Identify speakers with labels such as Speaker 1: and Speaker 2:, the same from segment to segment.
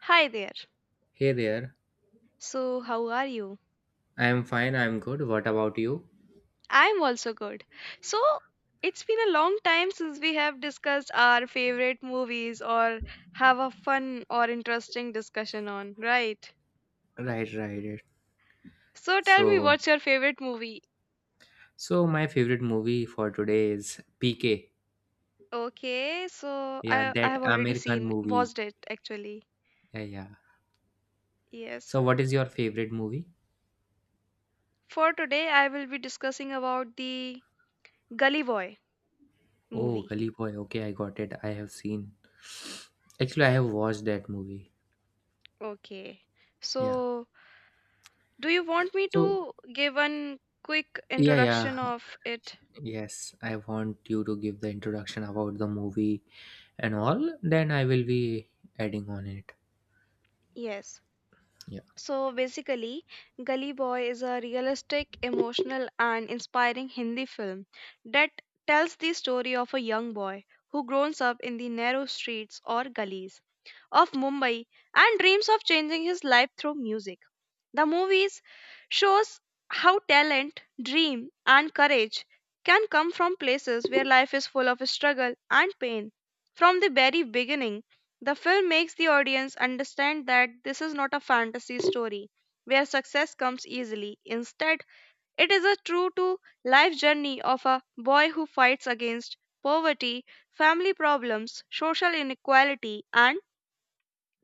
Speaker 1: Hi there.
Speaker 2: Hey there.
Speaker 1: So, how are you?
Speaker 2: I'm good. What about you?
Speaker 1: I'm also good. So, it's been a long time since we have discussed our favorite movies or have a fun or interesting discussion on, right?
Speaker 2: Right, right, right.
Speaker 1: So, tell me
Speaker 2: So,
Speaker 1: what's your favorite movie?
Speaker 2: so my favorite movie for today is PK.
Speaker 1: Okay, so
Speaker 2: Yeah,
Speaker 1: I
Speaker 2: that
Speaker 1: have already
Speaker 2: Amir Khan
Speaker 1: seen
Speaker 2: movie.
Speaker 1: watched it actually.
Speaker 2: Yeah, yeah.
Speaker 1: Yes.
Speaker 2: So what is your favorite movie?
Speaker 1: For today, I will be discussing about the Gully Boy
Speaker 2: Oh,
Speaker 1: movie.
Speaker 2: Gully Boy. Okay, I got it. I have seen. Actually, I have watched that movie.
Speaker 1: Okay.
Speaker 2: Yeah.
Speaker 1: So, do you want me
Speaker 2: So,
Speaker 1: to give one quick
Speaker 2: yeah,
Speaker 1: introduction
Speaker 2: yeah.
Speaker 1: of it?
Speaker 2: Yes, I want you to give the introduction about the movie and all, then I will be adding on it.
Speaker 1: Yes. So basically, Gully Boy is a realistic, emotional, and inspiring Hindi film that tells the story of a young boy who grows up in the narrow streets or gullies of Mumbai and dreams of changing his life through music. The movies shows how talent, dream and courage can come from places where life is full of struggle and pain. From the very beginning, the film makes the audience understand that this is not a fantasy story where success comes easily. Instead, it is a true to life journey of a boy who fights against poverty, family problems, social inequality and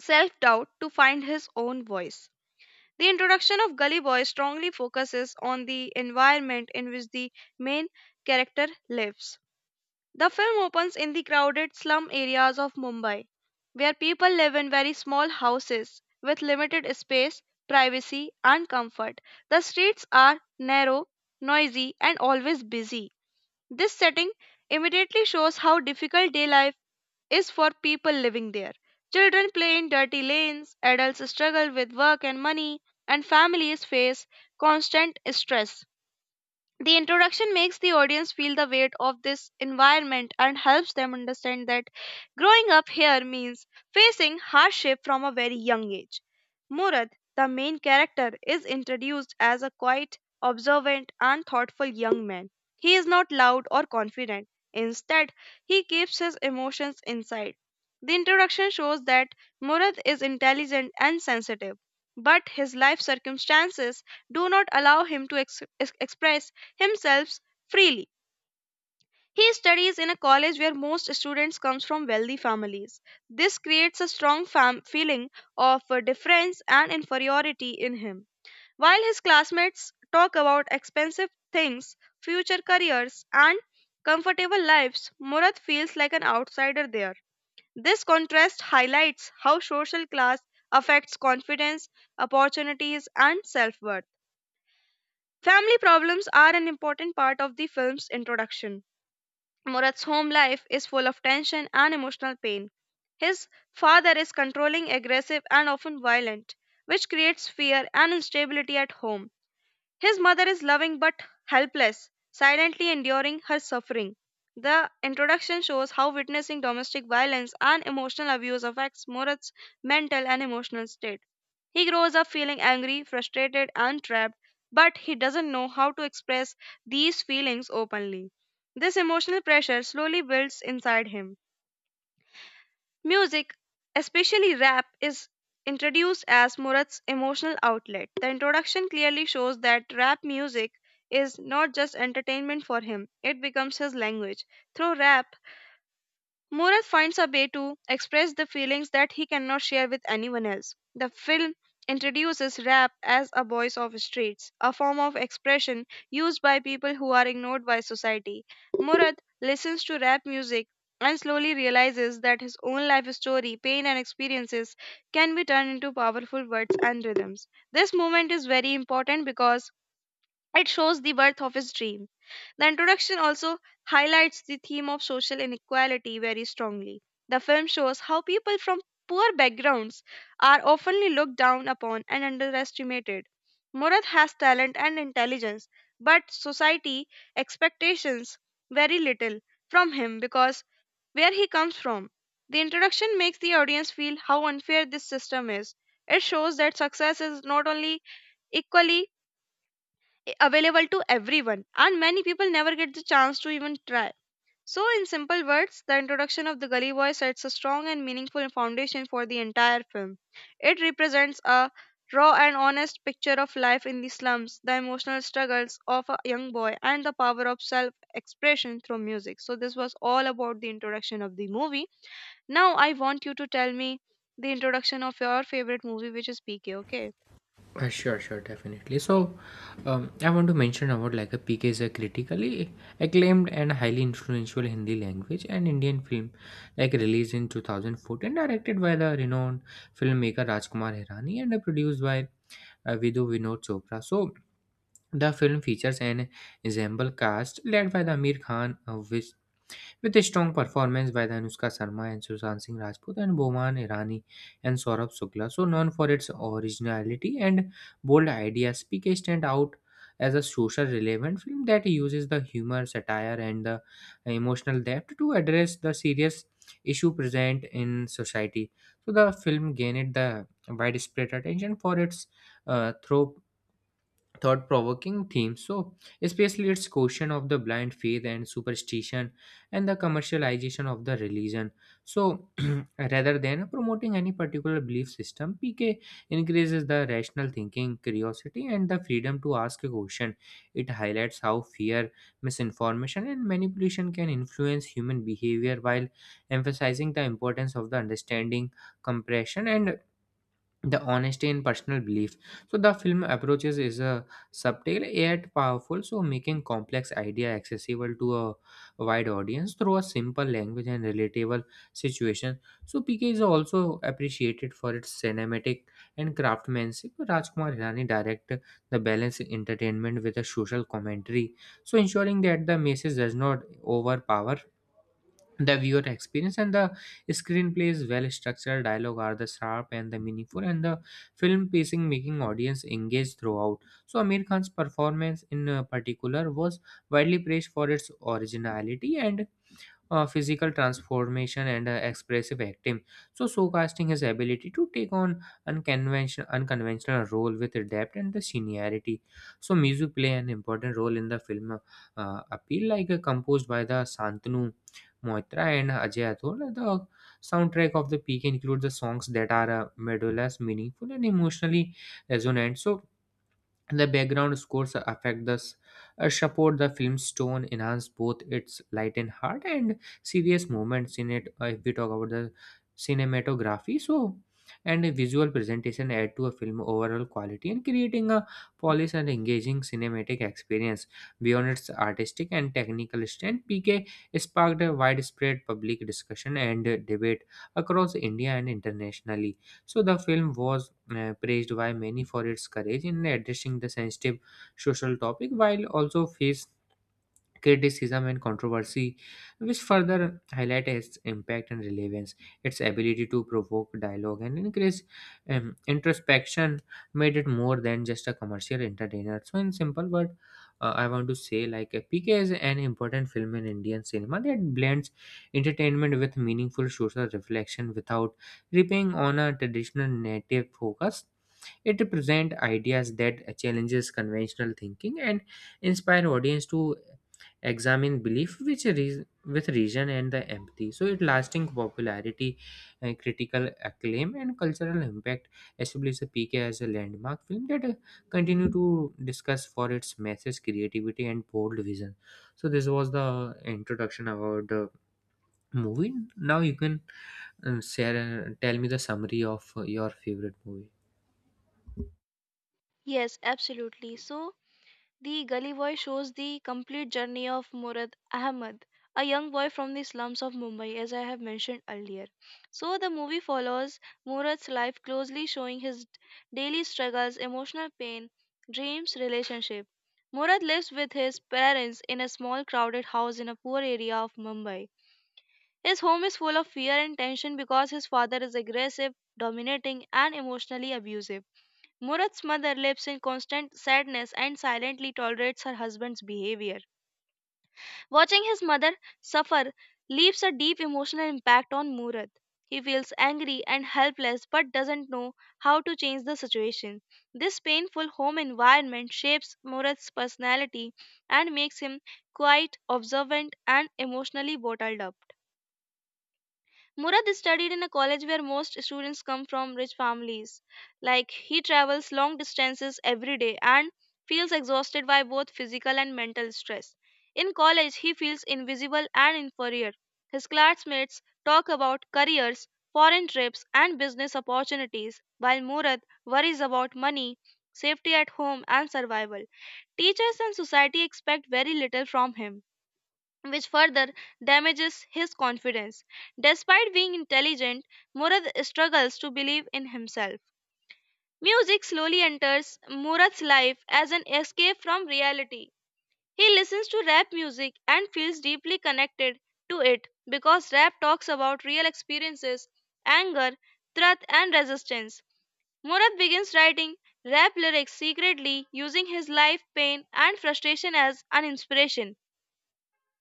Speaker 1: self doubt to find his own voice. The introduction of Gully Boy strongly focuses on the environment in which the main character lives. The film opens in the crowded slum areas of Mumbai, where people live in very small houses with limited space, privacy, and comfort. The streets are narrow, noisy, and always busy. This setting immediately shows how difficult day life is for people living there. Children play in dirty lanes, adults struggle with work and money, and families face constant stress. The introduction makes the audience feel the weight of this environment and helps them understand that growing up here means facing hardship from a very young age. Murad, the main character, is introduced as a quiet, observant, and thoughtful young man. He is not loud or confident. Instead, he keeps his emotions inside. The introduction shows that Murad is intelligent and sensitive but his life circumstances do not allow him to express himself freely. He studies in a college where most students comes from wealthy families. This creates a strong feeling of difference and inferiority in him. While his classmates talk about expensive things, future careers, and comfortable lives, Murad feels like an outsider there. This contrast highlights how social class affects confidence, opportunities, and self worth. Family problems are an important part of the film's introduction. Murat's home life is full of tension and emotional pain. His father is controlling, aggressive, and often violent, which creates fear and instability at home. His mother is loving but helpless, silently enduring her suffering. The introduction shows how witnessing domestic violence and emotional abuse affects Murat's mental and emotional state. He grows up feeling angry, frustrated, and trapped, but he doesn't know how to express these feelings openly. This emotional pressure slowly builds inside him. Music, especially rap, is introduced as Murat's emotional outlet. The introduction clearly shows that rap music is not just entertainment for him, it becomes his language. Through rap, Murat finds a way to express the feelings that he cannot share with anyone else. The film introduces rap as a voice of streets, a form of expression used by people who are ignored by society. Murat listens to rap music and slowly realizes that his own life story, pain, and experiences can be turned into powerful words and rhythms. This moment is very important because it shows the birth of his dream. The introduction also highlights the theme of social inequality very strongly. The film shows how people from poor backgrounds are often looked down upon and underestimated. Murad has talent and intelligence, but society expectations very little from him because where he comes from. The introduction makes the audience feel how unfair this system is. It shows that success is not only equally available to everyone, and many people never get the chance to even try. So, in simple words, the introduction of the Gully Boy sets a strong and meaningful foundation for the entire film. It represents a raw and honest picture of life in the slums, the emotional struggles of a young boy, and the power of self expression through music. So, this was all about the introduction of the movie. Now, I want you to tell me the introduction of your favorite movie, which is PK, okay?
Speaker 2: Sure, sure, definitely. So, I want to mention about like a PK is a critically acclaimed and highly influential Hindi language and Indian film, like released in 2014, directed by the renowned filmmaker Rajkumar Hirani and produced by Vidhu Vinod Chopra. So, the film features an ensemble cast led by the Amir Khan, which with a strong performance by the Anushka Sharma and Sushant Singh Rajput and Boman Irani and Saurabh Shukla. So known for its originality and bold ideas, PK stand out as a social relevant film that uses the humor, satire, and the emotional depth to address the serious issue present in society. So the film gained the widespread attention for its through thought provoking themes. So, especially its question of the blind faith and superstition and the commercialization of the religion. So, rather than promoting any particular belief system, PK increases the rational thinking, curiosity, and the freedom to ask a question. It highlights how fear, misinformation, and manipulation can influence human behavior while emphasizing the importance of the understanding, compression, and the honesty in personal belief. So the film approaches is a subtle yet powerful, so making complex idea accessible to a wide audience through a simple language and relatable situation. So PK is also appreciated for its cinematic and craftsmanship. Rajkumar Hirani direct the balance entertainment with a social commentary, so ensuring that the message does not overpower the viewer experience and the screenplay is well structured dialogue are the sharp and the meaningful and the film pacing making audience engaged throughout. So Amir Khan's performance in particular was widely praised for its originality and physical transformation and expressive acting. So, showcasing his ability to take on unconventional role with depth and the seniority. So, music play an important role in the film appeal, like composed by the Santanu Moitra and Ajay Athol. The soundtrack of the peak includes the songs that are melodious, meaningful, and emotionally resonant. So, the background scores affect this support the film's tone, enhance both its light and heart and serious moments in it. If we talk about the cinematography, so and a visual presentation add to a film overall quality and creating a polished and engaging cinematic experience. Beyond its artistic and technical strength, PK sparked a widespread public discussion and debate across India and internationally. So the film was praised by many for its courage in addressing the sensitive social topic while also face criticism and controversy, which further highlight its impact and relevance. Its ability to provoke dialogue and increase introspection made it more than just a commercial entertainer. So, in simple word, I want to say like PK is an important film in Indian cinema that blends entertainment with meaningful social reflection without repaying on a traditional native focus. It represents ideas that challenges conventional thinking and inspire audience to examine belief which reas with reason and the empathy. So it lasting popularity, critical acclaim and cultural impact established PK as a landmark film that continue to discuss for its message creativity and bold vision. So this was the introduction about the movie. Now you can share tell me the summary of your favorite movie.
Speaker 1: Yes, absolutely. So the Gully Boy shows the complete journey of Murad Ahmad, a young boy from the slums of Mumbai, as I have mentioned earlier. So, the movie follows Murad's life closely, showing his daily struggles, emotional pain, dreams, relationship. Murad lives with his parents in a small, crowded house in a poor area of Mumbai. His home is full of fear and tension because his father is aggressive, dominating, and emotionally abusive. Murat's mother lives in constant sadness and silently tolerates her husband's behavior. Watching his mother suffer leaves a deep emotional impact on Murat. He feels angry and helpless but doesn't know how to change the situation. This painful home environment shapes Murat's personality and makes him quite observant and emotionally bottled up. Murad studied in a college where most students come from rich families. Like he travels long distances every day and feels exhausted by both physical and mental stress. In college, he feels invisible and inferior. His classmates talk about careers, foreign trips, and business opportunities, while Murad worries about money, safety at home, and survival. Teachers and society expect very little from him which further damages his confidence. Despite being intelligent, Murad struggles to believe in himself. Music slowly enters Murad's life as an escape from reality. He listens to rap music and feels deeply connected to it because rap talks about real experiences, anger, threat, and resistance. Murad begins writing rap lyrics secretly, using his life pain and frustration as an inspiration.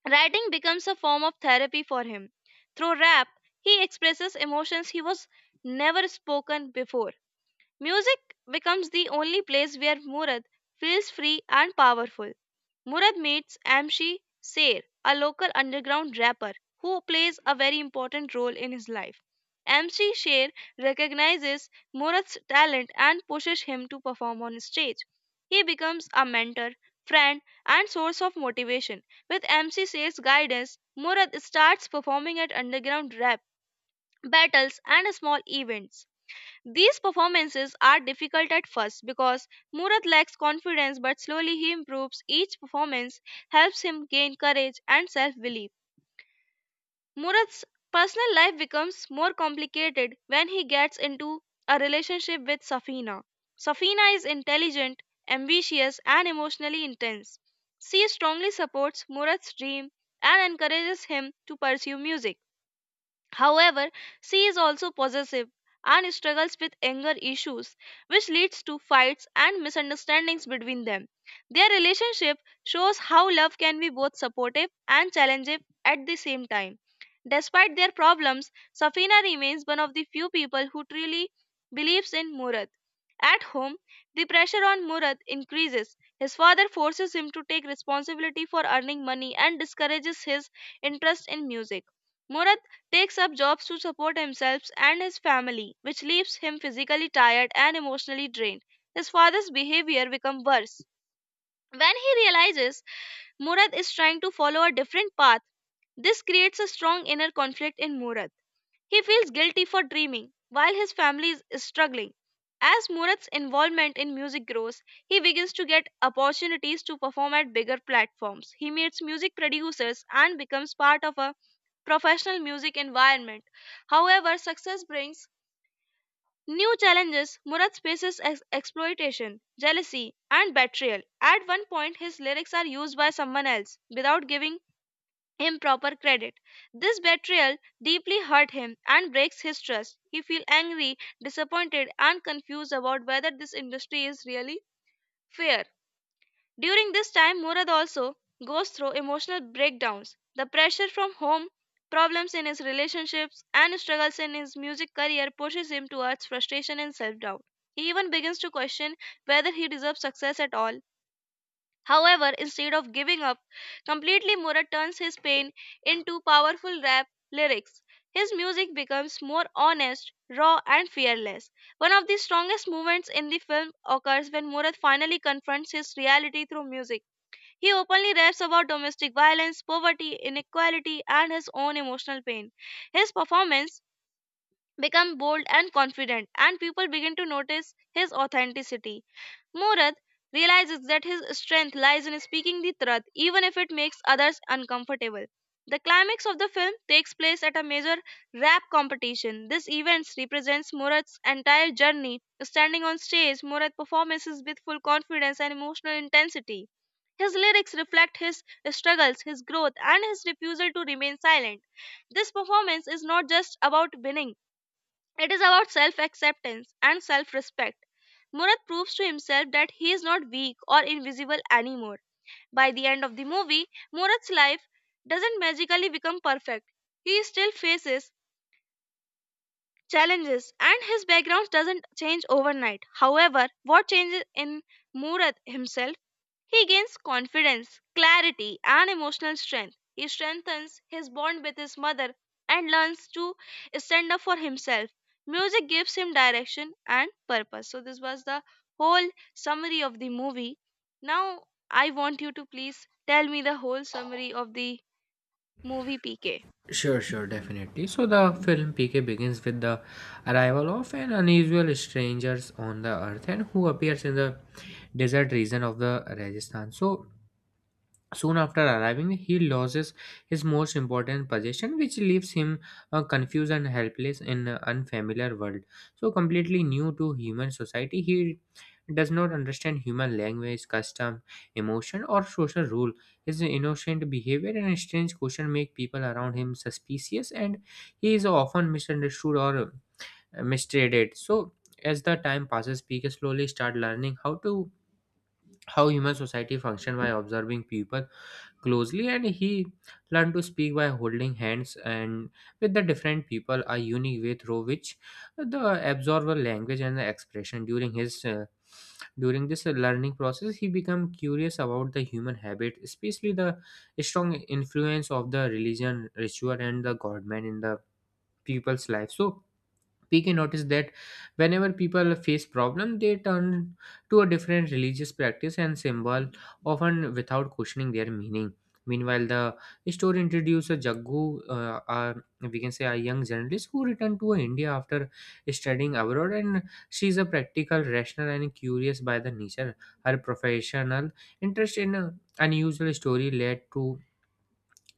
Speaker 1: Writing becomes a form of therapy for him. Through rap, he expresses emotions he was never spoken before. Music becomes the only place where Murad feels free and powerful. Murad meets Amshi Sher, a local underground rapper who plays a very important role in his life. Amshi Sher recognizes Murad's talent and pushes him to perform on stage. He becomes a mentor, friend, and source of motivation. With MC Sher's guidance, Murad starts performing at underground rap battles and small events. These performances are difficult at first because Murat lacks confidence, but slowly he improves. Each performance helps him gain courage and self belief. Murat's personal life becomes more complicated when he gets into a relationship with Safina. Safina is intelligent, ambitious, and emotionally intense. She strongly supports Murat's dream and encourages him to pursue music. However, she is also possessive and struggles with anger issues, which leads to fights and misunderstandings between them. Their relationship shows how love can be both supportive and challenging at the same time. Despite their problems, Safina remains one of the few people who truly believes in Murad. At home, the pressure on Murad increases. His father forces him to take responsibility for earning money and discourages his interest in music. Murad takes up jobs to support himself and his family, which leaves him physically tired and emotionally drained. His father's behavior becomes worse. When he realizes Murad is trying to follow a different path, this creates a strong inner conflict in Murad. He feels guilty for dreaming while his family is struggling. As Murat's involvement in music grows, he begins to get opportunities to perform at bigger platforms. He meets music producers and becomes part of a professional music environment. However, success brings new challenges. Murat faces exploitation, jealousy, and betrayal. At one point, his lyrics are used by someone else without giving improper credit. This betrayal deeply hurt him and breaks his trust. He feels angry, disappointed, and confused about whether this industry is really fair. During this time, Murad also goes through emotional breakdowns. The pressure from home, problems in his relationships, and struggles in his music career pushes him towards frustration and self doubt. He even begins to question whether he deserves success at all. However, instead of giving up completely, Murat turns his pain into powerful rap lyrics. His music becomes more honest, raw, and fearless. One of the strongest moments in the film occurs when Murat finally confronts his reality through music. He openly raps about domestic violence, poverty, inequality, and his own emotional pain. His performance becomes bold and confident, and people begin to notice his authenticity. Murad realizes that his strength lies in speaking the truth, even if it makes others uncomfortable. The climax of the film takes place at a major rap competition. This event represents Murad's entire journey. Standing on stage, Murad performances with full confidence and emotional intensity. His lyrics reflect his struggles, his growth, and his refusal to remain silent. This performance is not just about winning, it is about self acceptance and self respect. Murat proves to himself that he is not weak or invisible anymore. By the end of the movie, Murat's life doesn't magically become perfect. He still faces challenges and his background doesn't change overnight. However, what changes in Murat himself, he gains confidence, clarity, and emotional strength. He strengthens his bond with his mother and learns to stand up for himself. Music gives him direction and purpose. So, this was the whole summary of the movie. Now, I want you to please tell me the whole summary of the movie PK.
Speaker 2: Sure, sure, definitely. So the film PK begins with the arrival of an unusual strangers on the earth and who appears in the desert region of the Rajasthan. Soon after arriving, he loses his most important possession, which leaves him confused and helpless in an unfamiliar world. So, completely new to human society, he does not understand human language, custom, emotion, or social rule. His innocent behavior and strange question make people around him suspicious, and he is often misunderstood or mistreated. So, as the time passes, people slowly start learning how human society function by observing people closely and he learned to speak by holding hands and with the different people a unique way through which the absorber language and the expression during his during this learning process he became curious about the human habit, especially the strong influence of the religion ritual and the government in the people's life. So we can notice that whenever people face problem they turn to a different religious practice and symbol often without questioning their meaning. Meanwhile, the story introduces a Jaggu, uh, uh, we can say a young journalist who returned to India after studying abroad, and she is a practical rational and curious by the nature. Her professional interest in unusual story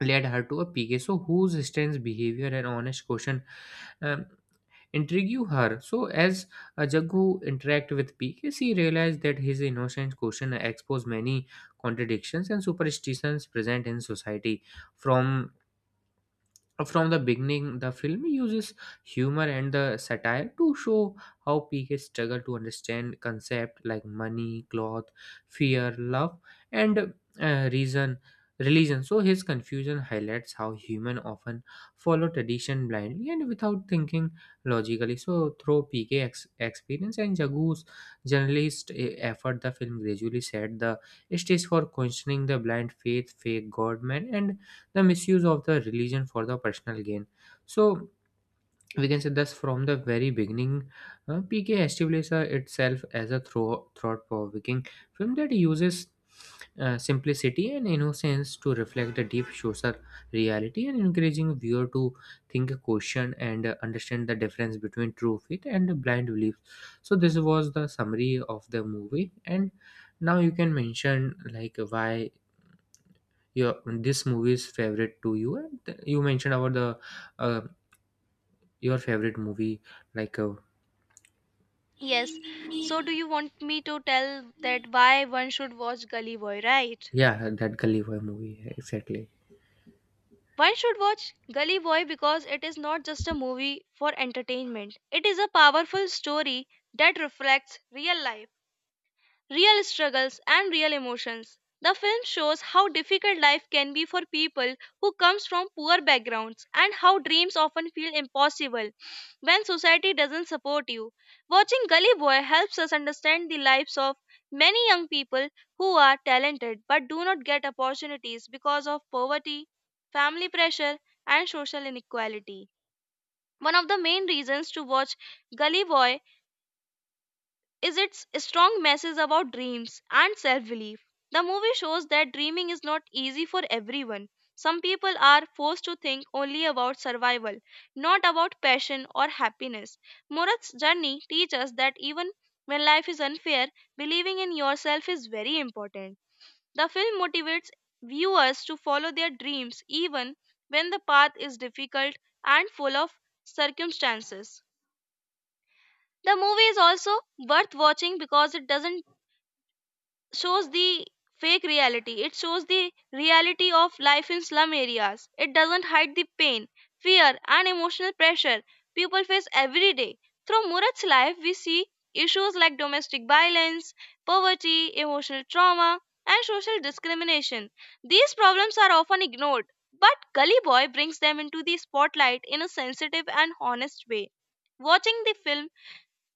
Speaker 2: led her to a Picasso whose strange behavior and honest question um, intrigue her. So as Jaggu interact with PK, she realized that his innocent question exposed many contradictions and superstitions present in society. From from the beginning the film uses humor and the satire to show how PK struggle to understand concepts like money cloth fear love and reason religion. So his confusion highlights how human often follow tradition blindly and without thinking logically. So through PK experience and Jagu's journalist effort the film gradually set the stage for questioning the blind faith fake god man and the misuse of the religion for the personal gain. So we can say thus from the very beginning, PK established itself as a thought-provoking film that uses simplicity and innocence to reflect the deep social reality and encouraging viewer to think, question, and understand the difference between true faith and blind belief. So this was the summary of the movie, and now you can mention like why your this movie's favorite to you and you mentioned about the uh, your favorite movie like
Speaker 1: Yes, so do you want me to tell that why one should watch Gully Boy, right?
Speaker 2: yeah that Gully Boy movie exactly.
Speaker 1: One should watch Gully Boy because it is not just a movie for entertainment. It is a powerful story that reflects real life, real struggles, and real emotions. The film shows how difficult life can be for people who comes from poor backgrounds and how dreams often feel impossible when society doesn't support you. Watching Gully Boy helps us understand the lives of many young people who are talented but do not get opportunities because of poverty, family pressure, and social inequality. One of the main reasons to watch Gully Boy is its strong message about dreams and self belief. The movie shows that dreaming is not easy for everyone. Some people are forced to think only about survival, not about passion or happiness. Murat's journey teaches us that even when life is unfair, believing in yourself is very important. The film motivates viewers to follow their dreams even when the path is difficult and full of circumstances. The movie is also worth watching because it doesn't shows the fake reality. It shows the reality of life in slum areas. It doesn't hide the pain, fear, and emotional pressure people face every day. Through Murat's life, we see issues like domestic violence, poverty, emotional trauma, and social discrimination. These problems are often ignored, but Gully Boy brings them into the spotlight in a sensitive and honest way. Watching the film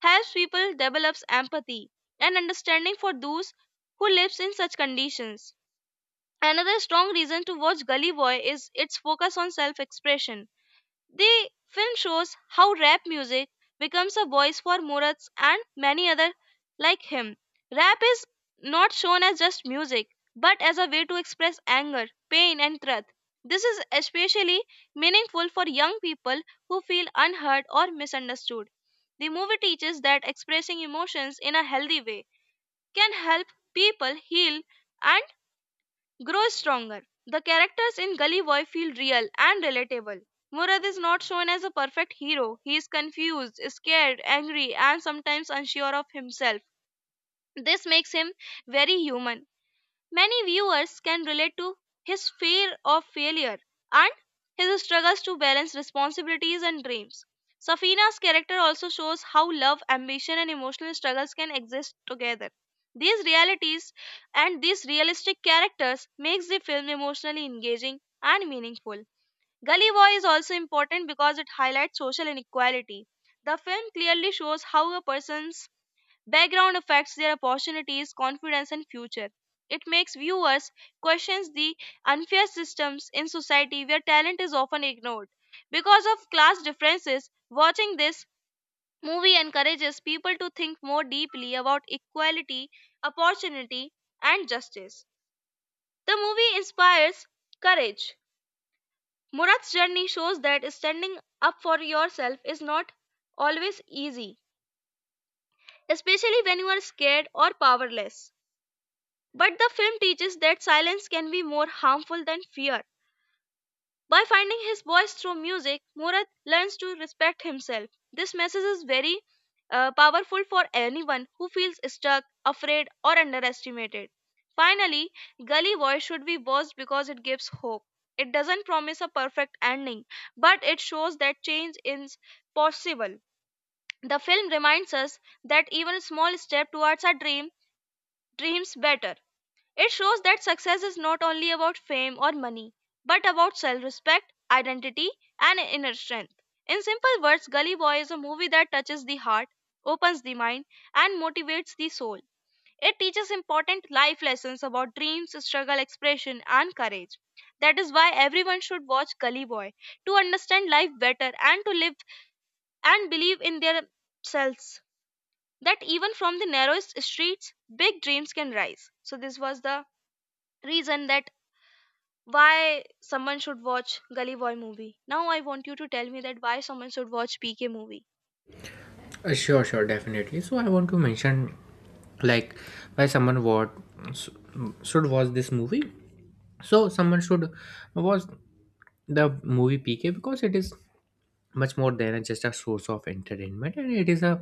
Speaker 1: helps people develops empathy and understanding for those who lives in such conditions. Another strong reason to watch Gully Boy is its focus on self-expression. The film shows how rap music becomes a voice for Murats and many other like him. Rap is not shown as just music, but as a way to express anger, pain, and truth. This is especially meaningful for young people who feel unheard or misunderstood. The movie teaches that expressing emotions in a healthy way can help people heal and grows stronger. The characters in Gully Boy feel real and relatable. Murad is not shown as a perfect hero. He is confused, scared, angry, and sometimes unsure of himself. This makes him very human. Many viewers can relate to his fear of failure and his struggles to balance responsibilities and dreams. Safina's character also shows how love, ambition, and emotional struggles can exist together. These realities and these realistic characters makes the film emotionally engaging and meaningful. Gully Boy is also important because it highlights social inequality. The film clearly shows how a person's background affects their opportunities, confidence, and future. It makes viewers question the unfair systems in society where talent is often ignored. Because of class differences, watching this movie encourages people to think more deeply about equality, opportunity, and justice. The movie inspires courage. Murat's journey shows that standing up for yourself is not always easy, especially when you are scared or powerless. But the film teaches that silence can be more harmful than fear. By finding his voice through music, Murad learns to respect himself. This message is very powerful for anyone who feels stuck, afraid, or underestimated. Finally, Gully Boy should be watched because it gives hope. It doesn't promise a perfect ending, but it shows that change is possible. The film reminds us that even a small step towards our dream dreams better. It shows that success is not only about fame or money, but about self respect, identity, and inner strength. In simple words, Gully Boy is a movie that touches the heart, opens the mind, and motivates the soul. It teaches important life lessons about dreams, struggle, expression, and courage. That is why everyone should watch Gully Boy to understand life better and to live and believe in their selves. That even from the narrowest streets, big dreams can rise. So, this was the reason that why someone should watch Gully Boy movie. Now I want you to tell me that why someone should watch PK movie.
Speaker 2: Sure, sure, definitely. So I want to mention like why someone what should watch this movie. So someone should watch the movie PK because it is much more than just a source of entertainment and it is a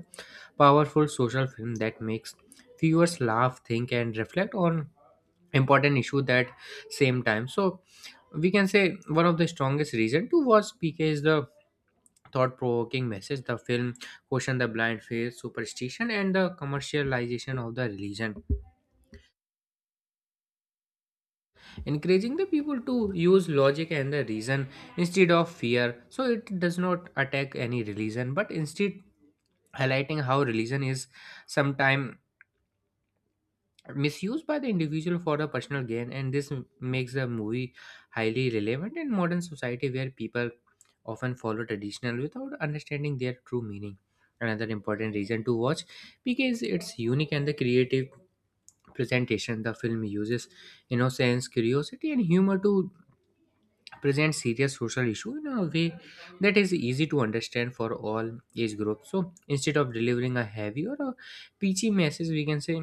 Speaker 2: powerful social film that makes viewers laugh think and reflect on important issue that same time. So we can say one of the strongest reason to watch PK is the thought-provoking message. The film question the blind faith superstition and the commercialization of the religion encouraging the people to use logic and the reason instead of fear. So it does not attack any religion but instead highlighting how religion is sometimes misused by the individual for the personal gain and this makes the movie highly relevant in modern society where people often follow traditional without understanding their true meaning. Another important reason to watch, because it's unique and the creative presentation. The film uses innocence curiosity and humor to present serious social issue in a way that is easy to understand for all age groups. So instead of delivering a heavy or a peachy message we can say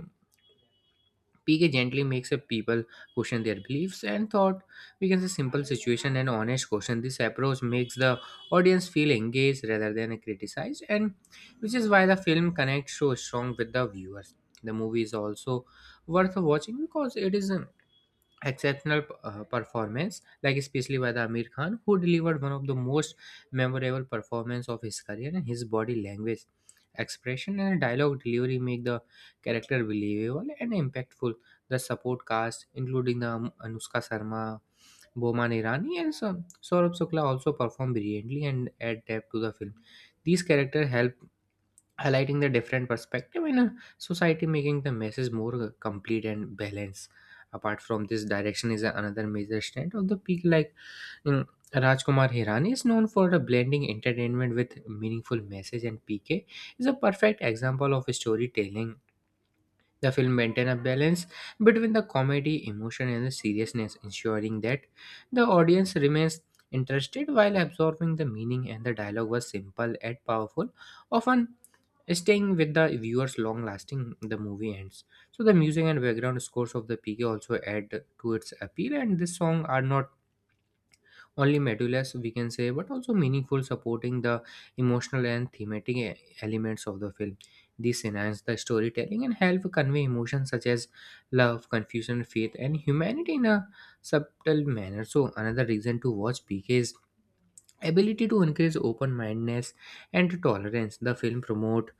Speaker 2: PK gently makes a people question their beliefs and thought. We can say simple situation and honest question. This approach makes the audience feel engaged rather than criticized, and which is why the film connects so strong with the viewers. The movie is also worth watching because it is exceptional performance, like especially by the Amir Khan who delivered one of the most memorable performance of his career, and his body language expression and dialogue delivery make the character believable and impactful. The support cast including the Anushka Sharma, Boman Irani and some Saurabh Shukla also performed brilliantly and add depth to the film. These characters help highlighting the different perspective in a society, making the message more complete and balanced. Apart from this, direction is another major strength of the peak, like mm, Rajkumar Hirani is known for the blending entertainment with meaningful message and PK is a perfect example of storytelling. The film maintains a balance between the comedy, emotion, and the seriousness, ensuring that the audience remains interested while absorbing the meaning. And the dialogue was simple yet powerful, often staying with the viewers long lasting. The movie ends. So the music and background scores of the PK also add to its appeal. And this song are not only measureless we can say but also meaningful supporting the emotional and thematic elements of the film. This enhance the storytelling and help convey emotions such as love confusion faith and humanity in a subtle manner. So another reason to watch PK is ability to increase open-mindedness and tolerance. The film promote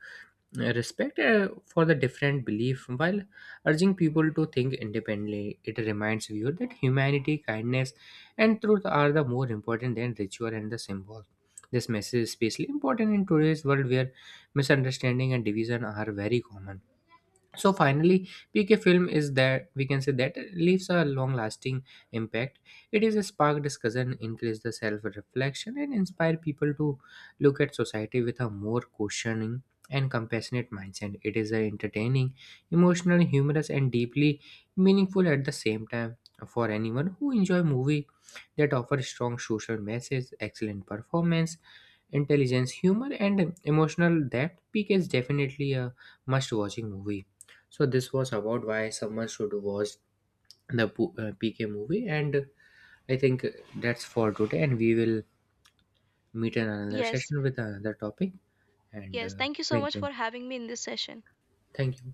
Speaker 2: respect for the different belief while urging people to think independently. It reminds viewer that humanity kindness and truth are the more important than ritual and the symbol. This message is especially important in today's world where misunderstanding and division are very common. So finally, PK film is that we can say that leaves a long lasting impact. It is a spark discussion increase the self reflection and inspire people to look at society with a more questioning and compassionate mindset. It is a entertaining emotional humorous and deeply meaningful at the same time. For anyone who enjoy movie that offer strong social message excellent performance intelligence humor and emotional depth, PK is definitely a must watching movie. So this was about why someone should watch the PK movie, and I think that's for today. And we will meet in another
Speaker 1: Yes,
Speaker 2: session with another topic. And
Speaker 1: yes. Thank you so
Speaker 2: thank
Speaker 1: much for
Speaker 2: you,
Speaker 1: having me in this session.
Speaker 2: thank you.